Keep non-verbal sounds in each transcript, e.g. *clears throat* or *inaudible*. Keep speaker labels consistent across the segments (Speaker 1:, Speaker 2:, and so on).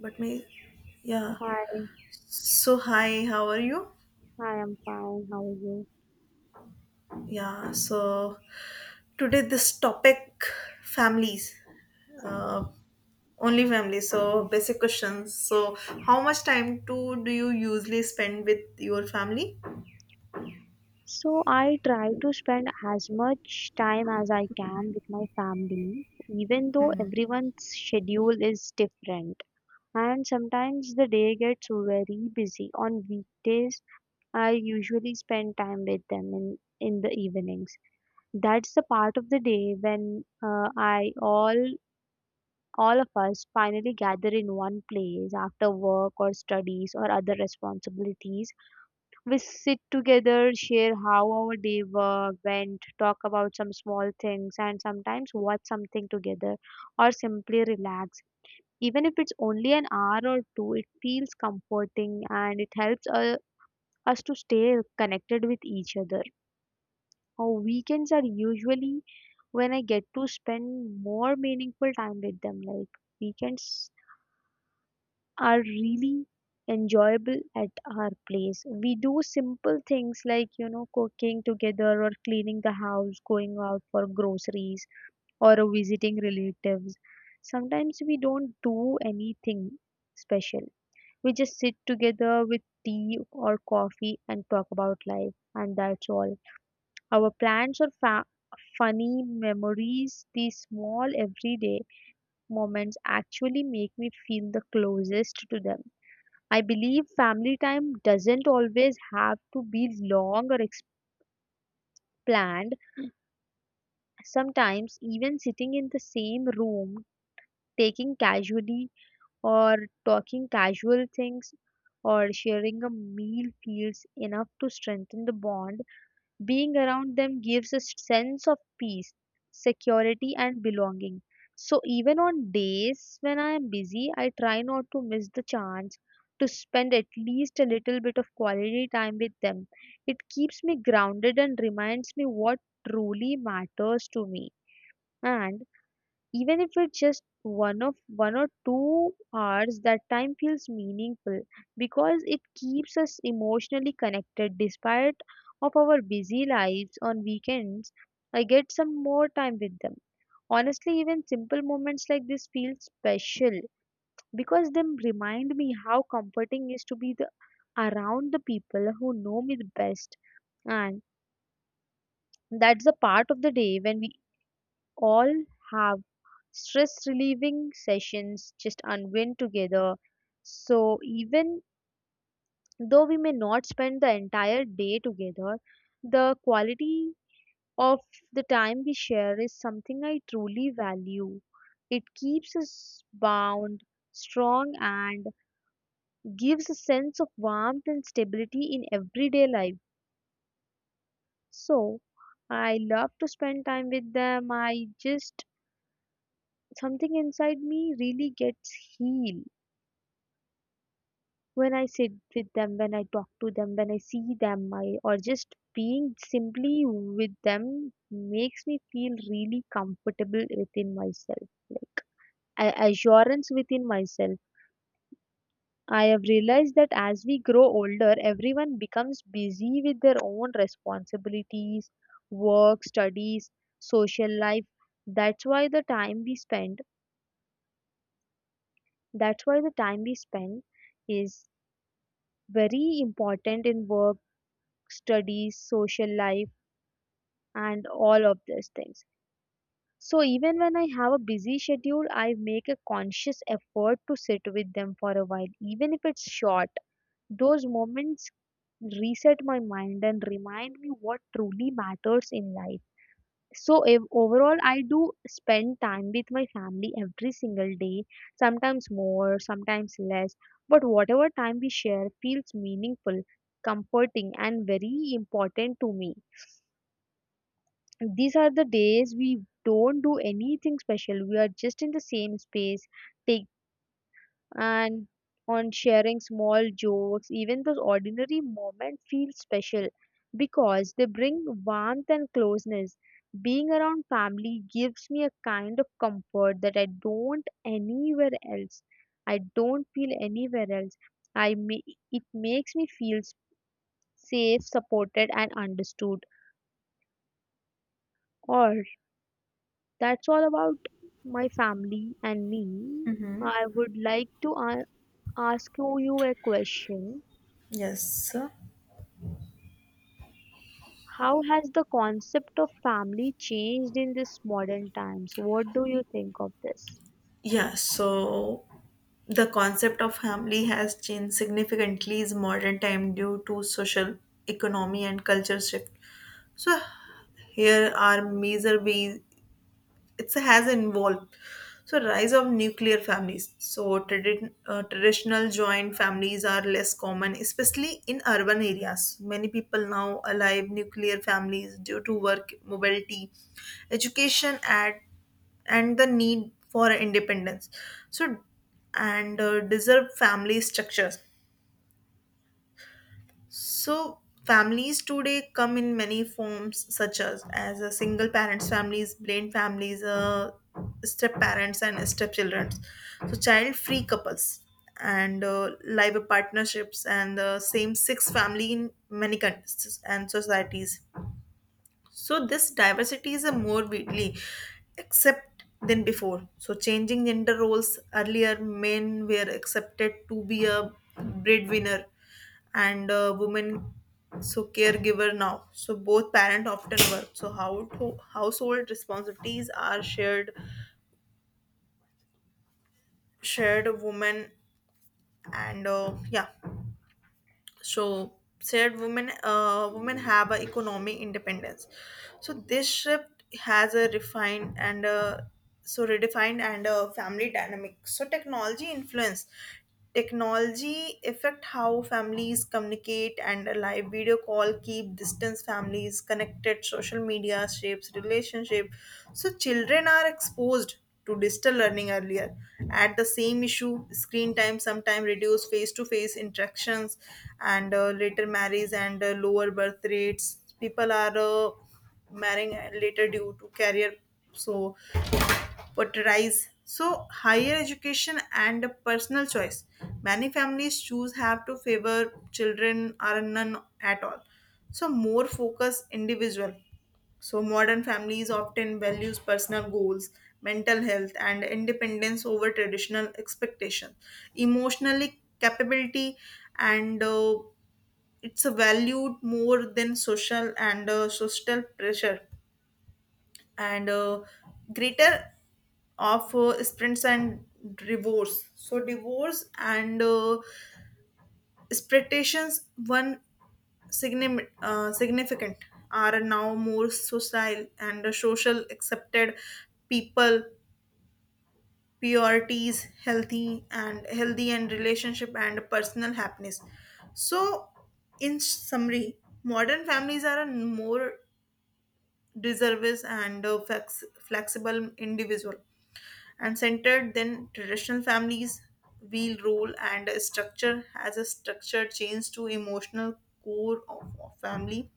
Speaker 1: But me, yeah.
Speaker 2: Hi,
Speaker 1: So, hi, how are you?
Speaker 2: I am fine. How are you?
Speaker 1: Yeah, so today this topic families, uh, only families. So, basic questions. So, how much time to do you usually spend with your family?
Speaker 2: So I try to spend as much time as I can with my family, even though everyone's schedule is different. And sometimes the day gets very busy. On weekdays, I usually spend time with them in the evenings. That's the part of the day when I all of us finally gather in one place after work or studies or other responsibilities. We sit together, share how our day went, talk about some small things, and sometimes watch something together or simply relax. Even if it's only an hour or two, it feels comforting and it helps us to stay connected with each other. Our weekends are usually when I get to spend more meaningful time with them. Like weekends are really enjoyable at our place. We do simple things like, cooking together or cleaning the house, going out for groceries or visiting relatives. Sometimes we don't do anything special. We just sit together with tea or coffee and talk about life, and that's all. Our plans are funny memories, these small everyday moments actually make me feel the closest to them. I believe family time doesn't always have to be long or planned. Sometimes, even sitting in the same room, taking casually or talking casual things or sharing a meal feels enough to strengthen the bond. Being around them gives a sense of peace, security, and belonging. So, even on days when I am busy, I try not to miss the chance to spend at least a little bit of quality time with them. It keeps me grounded and reminds me what truly matters to me. And even if it's just 1 or 2 hours, that time feels meaningful because it keeps us emotionally connected despite of our busy lives. On weekends, I get some more time with them. Honestly, even simple moments like this feel special because them remind me how comforting is to be the, around the people who know me the best. And that's the part of the day when we all have stress relieving sessions, just unwind together. So even though we may not spend the entire day together, the quality of the time we share is something I truly value. It keeps us bound strong and gives a sense of warmth and stability in everyday life. So I love to spend time with them. I just something inside me really gets healed when I sit with them, when I talk to them, when I see them, I, or just being simply with them makes me feel really comfortable within myself. Like assurance within myself. I have realized that as we grow older, everyone becomes busy with their own responsibilities, work, studies, social life. That's why the time we spend, that's why the time we spend is very important in work, studies, social life, and all of these things. So even when I have a busy schedule, I make a conscious effort to sit with them for a while, even if it's short. Those moments reset my mind and remind me what truly matters in life. So if, overall, I do spend time with my family every single day, sometimes more, sometimes less. But whatever time we share feels meaningful, comforting, and very important to me. These are the days we don't do anything special. We are just in the same space, take and on sharing small jokes. Even those ordinary moments feel special because they bring warmth and closeness. Being around family gives me a kind of comfort that I don't anywhere else, I don't feel anywhere else. i may, it makes me feel safe, supported, and understood all. That's all about my family and me. I would like to ask you a question.
Speaker 1: Yes, sir.
Speaker 2: How has the concept of family changed in this modern times? What do you think of this?
Speaker 1: Yeah, so the concept of family has changed significantly in modern time due to social, economy, and culture shift. So here are major ways it has involved. So rise of nuclear families, so traditional joint families are less common, especially in urban areas. Many people now alive nuclear families due to work mobility, education at, and the need for independence. So and uh, deserve family structures. So families today come in many forms, such as a single parents families, blended families, step parents and step children, so child free couples and live partnerships and same six family in many countries and societies. So this diversity is a more widely accept than before. So changing gender roles, earlier men were accepted to be a breadwinner and women so caregiver now. So both parent often work, so how household responsibilities are shared women, and yeah. So said women, women have a economic independence. So this shift has a refined and so redefined and a family dynamic. So technology influence, technology affect how families communicate and a live video call keep distance families connected, social media shapes relationship, so children are exposed to digital learning earlier. At the same issue, screen time sometimes reduce face-to-face interactions, and later marries, and lower birth rates. People are marrying later due to career. So Paterize. So higher education and personal choice. Many families choose have to favor children or none at all. So more focus individual. So modern families often values personal goals, mental health and independence over traditional expectation. Emotionally capability and it's a valued more than social and social pressure, and greater of sprints and divorce. So divorce and expectations, one significant are now more social and social accepted people priorities healthy and healthy and relationship and personal happiness. So in summary, modern families are a more deservous and flexible individual and centered then traditional families wheel role and structure as a structure change to emotional core of family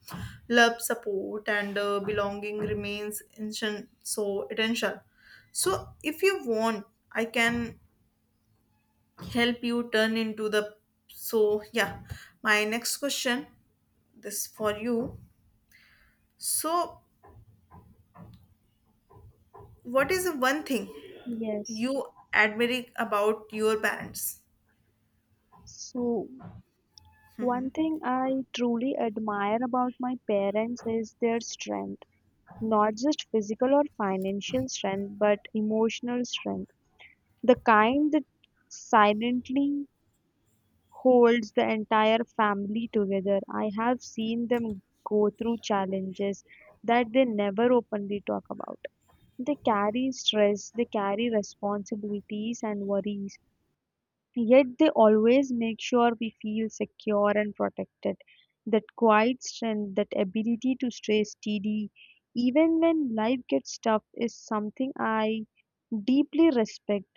Speaker 1: love support and belonging remains instant, so essential. So if you want, I can help you turn into the, so yeah, my next question this for you. So what is the one thing
Speaker 2: Yes.
Speaker 1: you admire about your parents?
Speaker 2: So, one thing I truly admire about my parents is their strength, not just physical or financial strength, but emotional strength. The kind that silently holds the entire family together. I have seen them go through challenges that they never openly talk about. They carry stress, they carry responsibilities and worries, yet they always make sure we feel secure and protected. That quiet strength, that ability to stay steady, even when life gets tough, is something I deeply respect.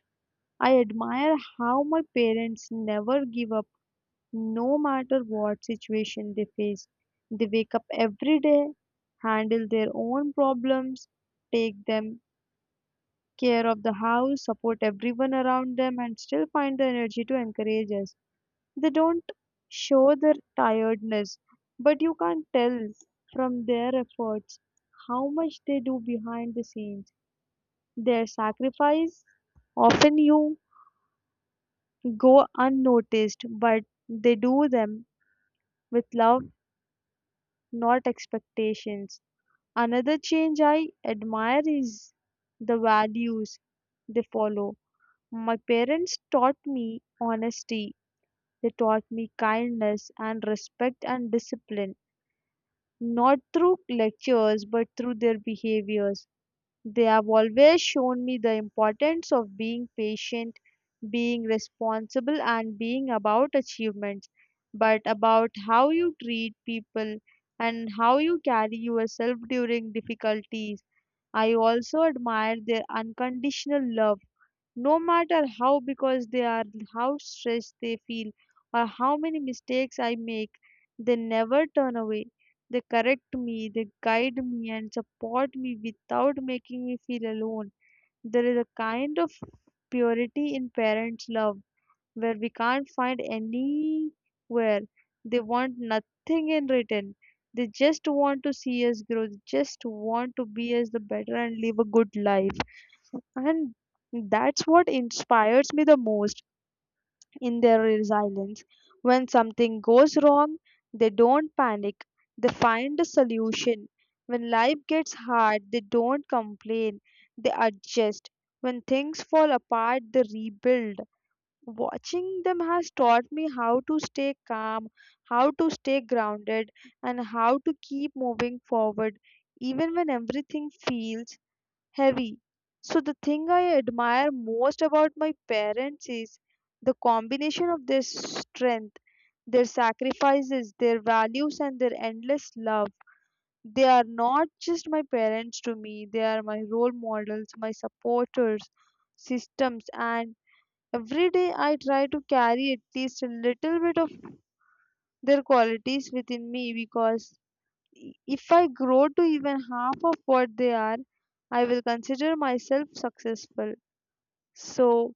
Speaker 2: I admire how my parents never give up. No matter what situation they face, they wake up every day, handle their own problems, take them care of the house, support everyone around them, and still find the energy to encourage us. They don't show their tiredness, but you can't tell from their efforts how much they do behind the scenes. Their sacrifice often you go unnoticed, but they do them with love, not expectations. Another change I admire is the values they follow. My parents taught me honesty, they taught me kindness and respect and discipline, not through lectures but through their behaviors. They have always shown me the importance of being patient, being responsible, and being about achievements, but about how you treat people and how you carry yourself during difficulties. I also admire their unconditional love. No matter how because they are how stressed they feel or how many mistakes I make, they never turn away. They correct me, they guide me and support me without making me feel alone. There is a kind of purity in parents' love where we can't find anywhere. They want nothing in return. They just want to see us grow. They just want to be us the better and live a good life. And that's what inspires me the most in their resilience. When something goes wrong, they don't panic, they find a solution. When life gets hard, they don't complain, they adjust. When things fall apart, they rebuild. Watching them has taught me how to stay calm, how to stay grounded, and how to keep moving forward even when everything feels heavy. So, the thing I admire most about my parents is the combination of their strength, their sacrifices, their values, and their endless love. They are not just my parents to me, they are my role models, my supporters, systems, and every day I try to carry at least a little bit of their qualities within me because if I grow to even half of what they are, I will consider myself successful. So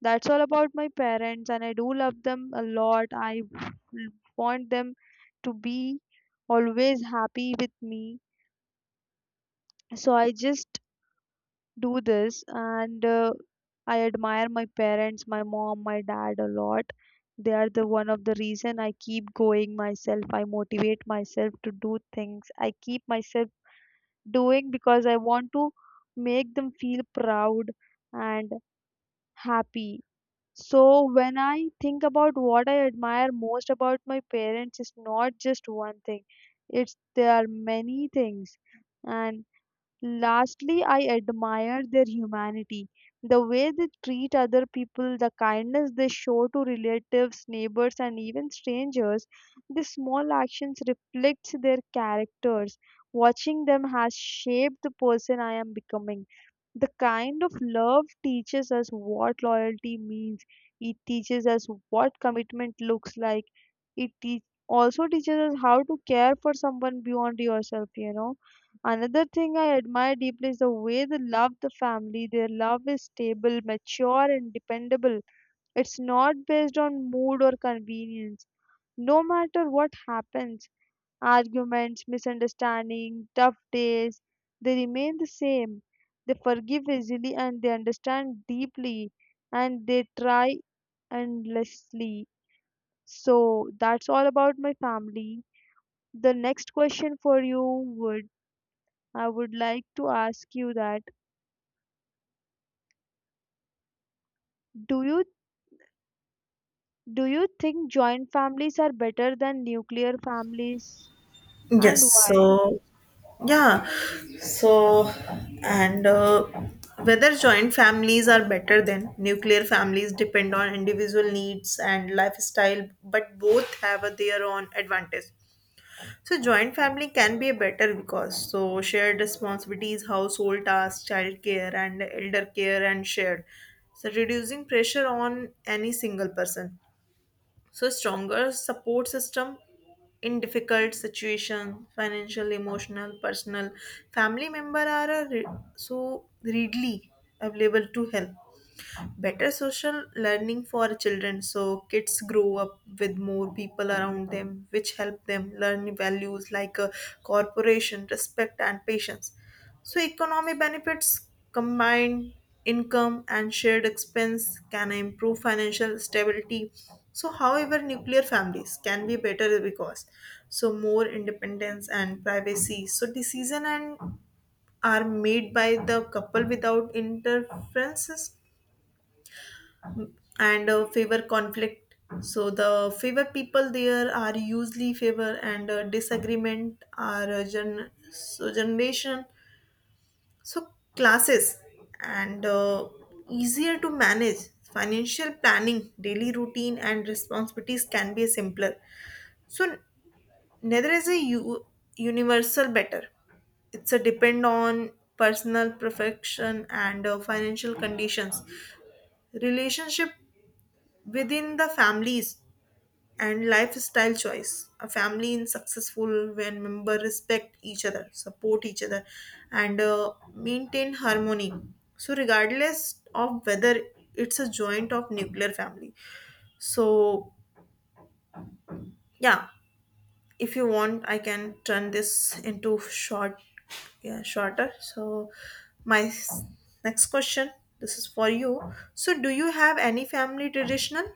Speaker 2: that's all about my parents, and I do love them a lot. Want them to be always happy with me. So I just do this, and I admire my parents, my mom, my dad a lot. They are the one of the reason I keep going myself. I motivate myself to do things. I keep myself doing because I want to make them feel proud and happy. So when I think about what I admire most about my parents, it's not just one thing. It's there are many things, and lastly, I admire their humanity, the way they treat other people, the kindness they show to relatives, neighbors, and even strangers. These small actions reflect their characters. Watching them has shaped the person I am becoming. The kind of love teaches us what loyalty means. It teaches us what commitment looks like. It also teaches us how to care for someone beyond yourself, you know. Another thing I admire deeply is the way they love the family. Their love is stable, mature, and dependable. It's not based on mood or convenience. No matter what happens, arguments, misunderstanding, tough days, they remain the same. They forgive easily and they understand deeply and they try endlessly. So that's all about my family. The next question for you would I would like to ask you that, Do you do you think joint families are better than nuclear families and
Speaker 1: Yes. So
Speaker 2: why?
Speaker 1: yeah. So, and whether joint families are better than nuclear families depend on individual needs and lifestyle, but both have a, their own advantage. So, joint family can be better because so shared responsibilities, household tasks, child care, and elder care, and shared. So, reducing pressure on any single person. So stronger support system in difficult situation, financial, emotional, personal, family member are a re- so readily available to help, better social learning for children, so kids grow up with more people around them, which help them learn values like cooperation respect and patience. So economic benefits, combined income and shared expense can improve financial stability. So however, nuclear families can be better because so more independence and privacy, so decision and are made by the couple without interferences, and favor conflict. So the favor people there are usually favor and disagreement are generation, so classes, and easier to manage financial planning, daily routine and responsibilities can be simpler. So neither is a universal better, it's a depend on personal perfection and financial conditions, relationship within the families, and lifestyle choice. A family in successful when member respect each other, support each other, and maintain harmony. So regardless of whether it's a joint of nuclear family. So yeah, if you want, I can turn this into short, yeah, shorter. So my next question. This is for you. So, do you have any family traditional?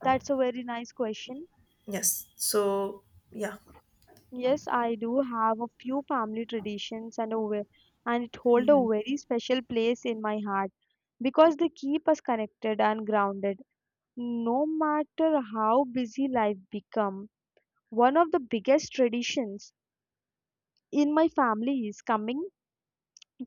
Speaker 2: That's a very nice question.
Speaker 1: Yes. So, yeah.
Speaker 2: Yes, I do have a few family traditions and it hold a very special place in my heart because they keep us connected and grounded no matter how busy life become. One of the biggest traditions in my family is coming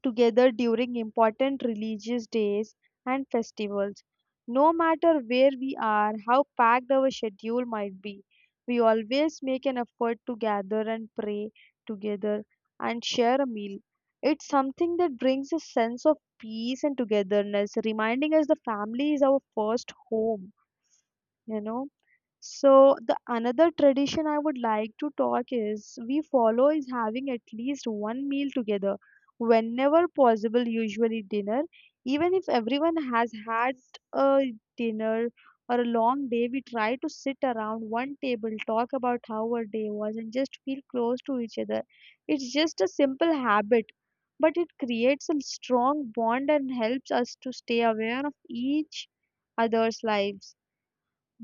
Speaker 2: together during important religious days and festivals. No matter where we are, how packed our schedule might be, we always make an effort to gather and pray together and share a meal. It's something that brings a sense of peace and togetherness, reminding us the family is our first home, you know. So the another tradition I would like to talk is we follow is having at least one meal together whenever possible, usually dinner. Even if everyone has had a dinner or a long day, we try to sit around one table, talk about how our day was, and just feel close to each other. It's just a simple habit, but it creates a strong bond and helps us to stay aware of each other's lives.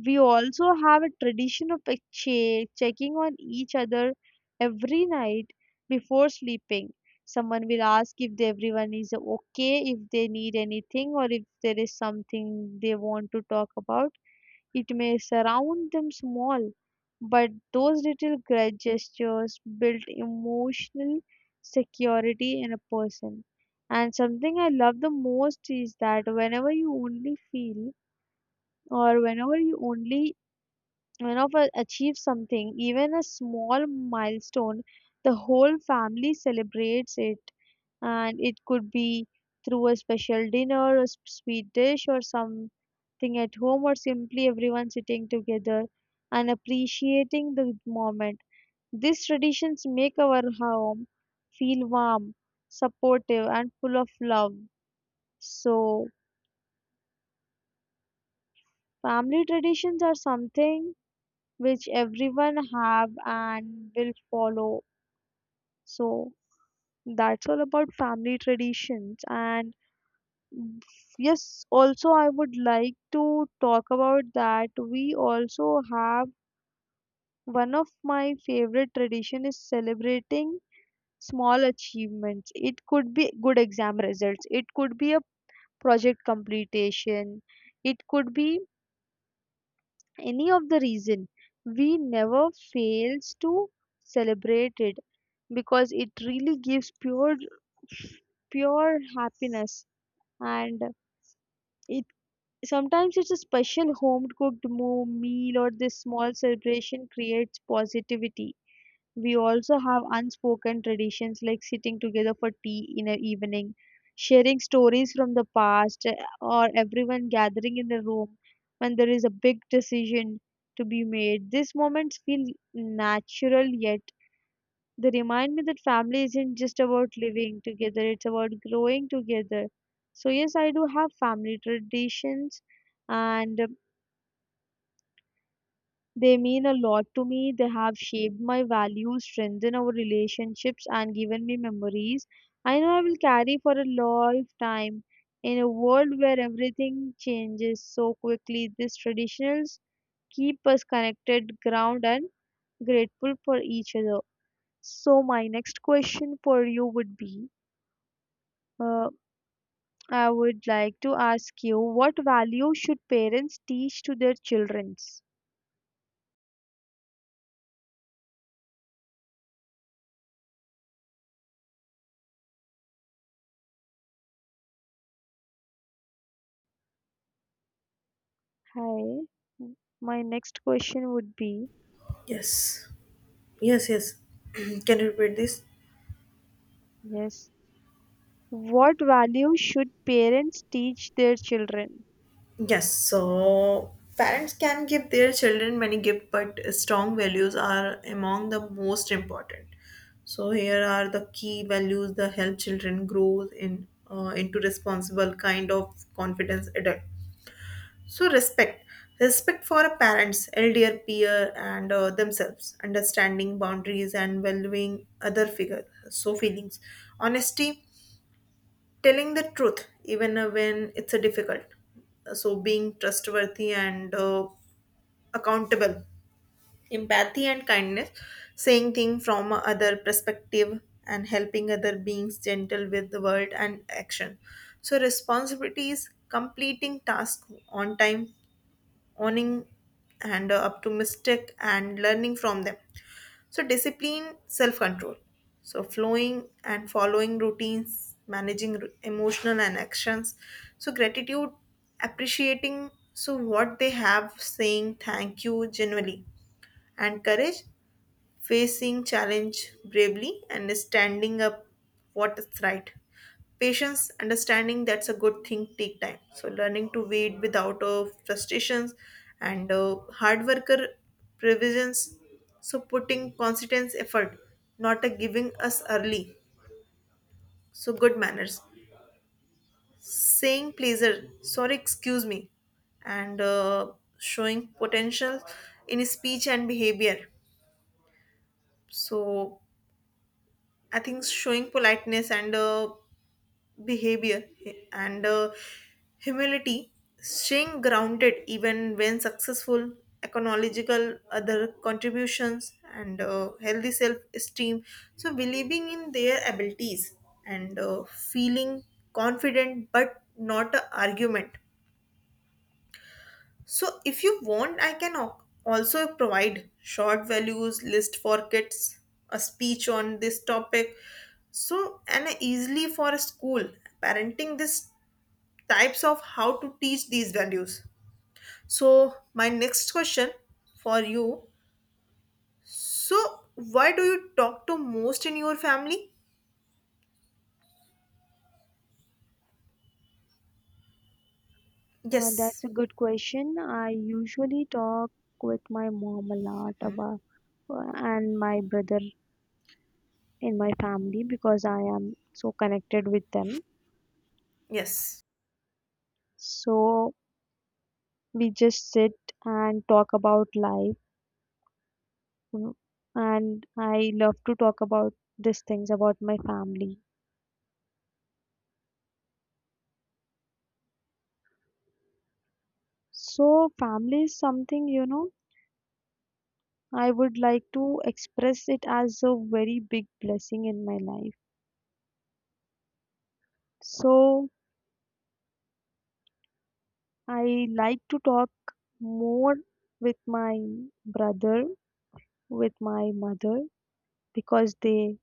Speaker 2: We also have a tradition of exchange, checking on each other every night before sleeping. Someone will ask if everyone is okay, if they need anything, or if there is something they want to talk about. It may surround them small, but those little grudge gestures build emotional security in a person. And something I love the most is that whenever you only for achieve something, even a small milestone, the whole family celebrates it. And it could be through a special dinner, a sweet dish or something at home, or simply everyone sitting together and appreciating the moment. These traditions make our home feel warm, supportive and full of love. So family traditions are something which everyone have and will follow. So that's all about family traditions. And mm, yes, also I would like to talk about that. We also have one of my favorite tradition is celebrating small achievements. It could be good exam results. It could be a project completion. It could be any of the reason we never fails to celebrate it, because it really gives pure happiness. And it sometimes it's a special home cooked meal, or this small celebration creates positivity. We also have unspoken traditions like sitting together for tea in the evening, sharing stories from the past, or everyone gathering in the room when there is a big decision to be made. These moments feel natural, yet they remind me that family isn't just about living together, it's about growing together. So, yes, I do have family traditions, and they mean a lot to me. They have shaped my values, strengthened our relationships, and given me memories I know I will carry for a long time. In a world where everything changes so quickly, these traditions keep us connected, grounded, and grateful for each other. So, my next question for you would be uh, I would like to ask you, what values should parents teach to their children? Hi. My next question would be,
Speaker 1: Yes. Yes, yes. *clears throat* Can you repeat this?
Speaker 2: yes, what values should parents teach their children?
Speaker 1: Yes. So parents can give their children many gifts, but strong values are among the most important. So here are the key values that help children grow in into responsible kind of confidence adult. So respect, respect for a parents, elder, peer, and themselves. Understanding boundaries and valuing other figures. So feelings, honesty, telling the truth even when it's a difficult, so being trustworthy and accountable, empathy and kindness, saying things from other perspective and helping other beings gentle with the word and action. So responsibilities, completing task on time, owning and up to mistake and learning from them. So discipline, self control, so flowing and following routines, managing emotional and actions. So gratitude, appreciating so what they have, saying thank you genuinely, and courage, facing challenge bravely and standing up what is right, patience, understanding that's a good thing take time, so learning to wait without frustrations, and hard worker, provisions, so putting constant effort, not a giving us early. So good manners, saying pleasure, sorry, excuse me, and showing potential in speech and behavior. So I think showing politeness and behavior, and humility, staying grounded even when successful, economical other contributions, and healthy self esteem. So, believing in their abilities and feeling confident but not an argument. So if you want, I can also provide short values list for kids, a speech on this topic. So and easily for a school parenting this types of how to teach these values. So my next question for you. So why do you talk to most in your family? Yes.
Speaker 2: That's a good question. I usually talk with my mom a lot about uh, and my brother in my family, because I am so connected with them.
Speaker 1: Yes.
Speaker 2: So we just sit and talk about life, mm, and I love to talk about these things about my family. So family is something, you know, I would like to express it as a very big blessing in my life. So, I like to talk more with my brother, with my mother, because they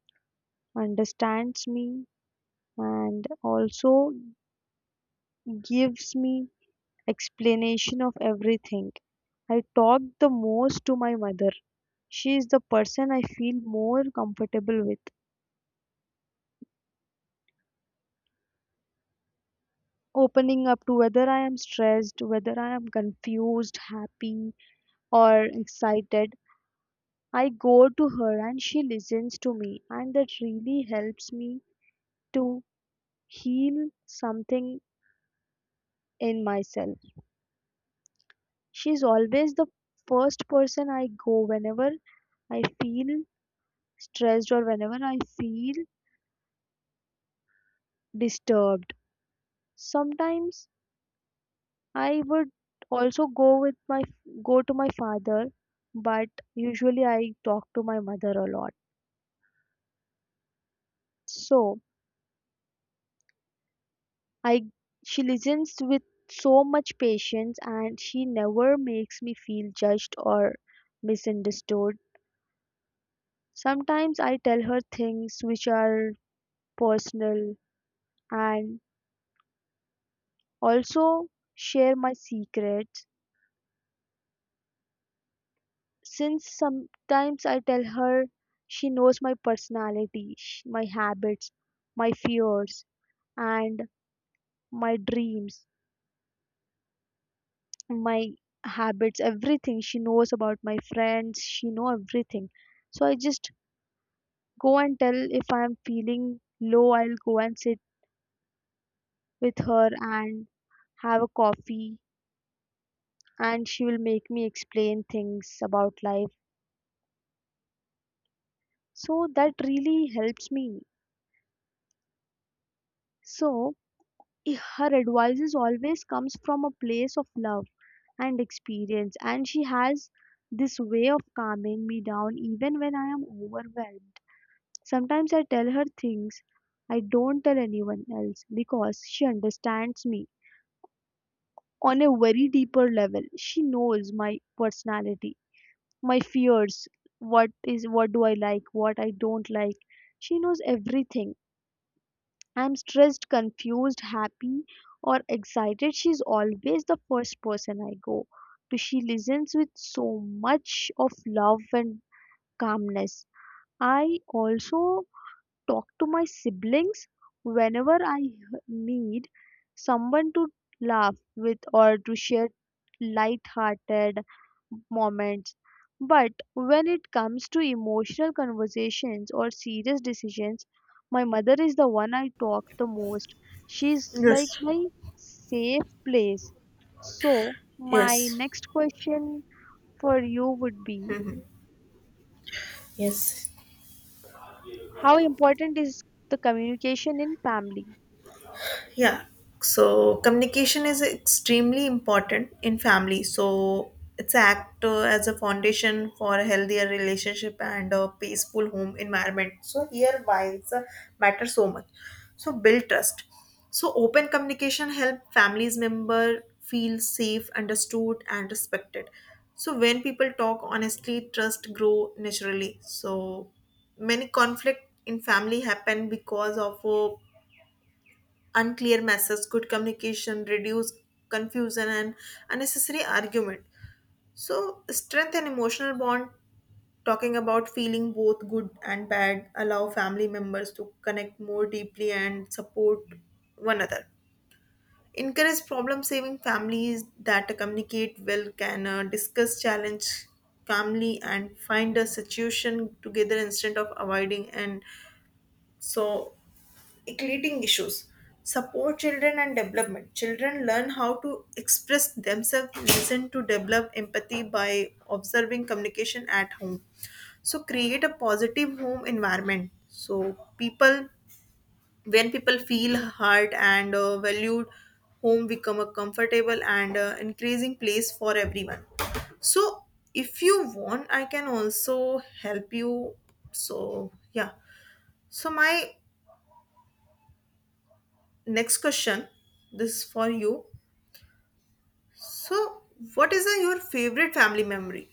Speaker 2: understands me and also gives me explanation of everything. I talk the most to my mother. She is the person I feel more comfortable with, opening up to whether I am stressed, whether I am confused, happy, or excited. I go to her and she listens to me, and that really helps me to heal something in myself. She's always the first person I go whenever I feel stressed or whenever I feel disturbed. Sometimes I would also go with my go to my father, but usually I talk to my mother a lot. So I she listens with so much patience and she never makes me feel judged or misunderstood. Sometimes I tell her things which are personal, and also share my secrets. Since sometimes I tell her, she knows my personality, my habits, my fears and my dreams, my habits. Everything she knows about my friends, she know everything. So I just go and tell, if I'm feeling low I'll go and sit with her and have a coffee, and she will make me explain things about life. So that really helps me. So her advices always comes from a place of love and experience, and she has this way of calming me down even when I am overwhelmed. Sometimes I tell her things I don't tell anyone else, because she understands me on a very deeper level. She knows my personality, my fears, what do I like, what I don't like. She knows everything. I'm stressed, confused, happy or excited. She's always the first person I go to. She listens with so much of love and calmness. I also talk to my siblings whenever I need someone to laugh with or to share light-hearted moments. But when it comes to emotional conversations or serious decisions, my mother is the one I talk the most. She's like
Speaker 1: Yes.
Speaker 2: my safe place. So, my
Speaker 1: Yes.
Speaker 2: next question for you would be,
Speaker 1: Yes.
Speaker 2: how important is the communication in family?
Speaker 1: Yeah, so communication is extremely important in family. So it's act as a foundation for a healthier relationship and a peaceful home environment. So here why it's a matter so much. So build trust, so open communication help families member feel safe, understood and respected. So when people talk honestly, trust grow naturally. So many conflict in family happen because of unclear messages. Good communication, reduce confusion and unnecessary argument. So, strength and emotional bond. Talking about feeling both good and bad, allow family members to connect more deeply and support one another. Encourage problem saving, families that communicate well, can discuss challenge calmly, and find a solution together instead of avoiding. And so, creating issues, support children and development, children learn how to express themselves, listen to develop empathy by observing communication at home. So create a positive home environment, so people, when people feel heard and valued, home become a comfortable and increasing place for everyone. So if you want, I can also help you. So yeah, so my next question. This is for you. So, what is your favorite family memory?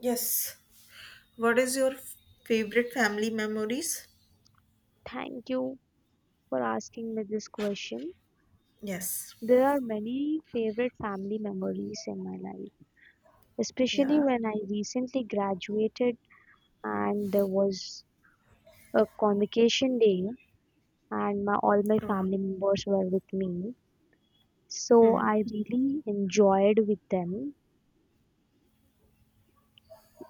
Speaker 1: Yes. What is your favorite family memories?
Speaker 2: Thank you for asking me this question.
Speaker 1: Yes.
Speaker 2: There are many favorite family memories in my life, especially
Speaker 1: Yeah.
Speaker 2: when I recently graduated, and there was a convocation day, and my, all my
Speaker 1: Wow.
Speaker 2: family members were with me. So
Speaker 1: Hmm.
Speaker 2: I really enjoyed with them,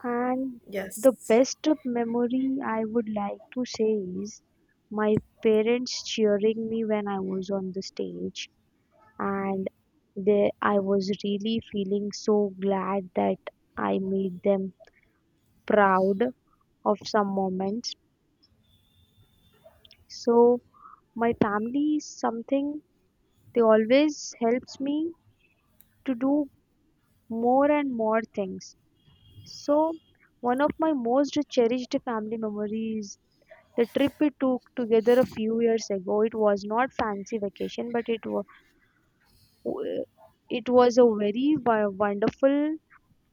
Speaker 2: and the
Speaker 1: Yes.
Speaker 2: best memory I would like to say is my parents cheering me when I was on the stage, and they I was really feeling so glad that I made them proud of some moments. So my family is something, they always helps me to do more and more things. So, one of my most cherished family memories, the trip we took together a few years ago, it was not fancy vacation, but it was a very wonderful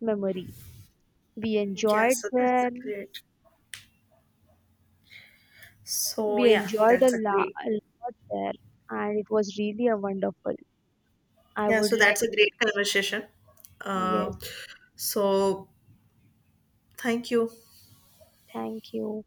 Speaker 2: memory. We
Speaker 1: Yeah.
Speaker 2: enjoyed
Speaker 1: So that's a
Speaker 2: there.
Speaker 1: great. So
Speaker 2: We
Speaker 1: yeah,
Speaker 2: enjoyed
Speaker 1: that's a great.
Speaker 2: a lot there, and it was really a wonderful. I
Speaker 1: Yeah.
Speaker 2: would
Speaker 1: So
Speaker 2: like,
Speaker 1: that's a great conversation. Uh,
Speaker 2: yes,
Speaker 1: so thank you.
Speaker 2: thank you.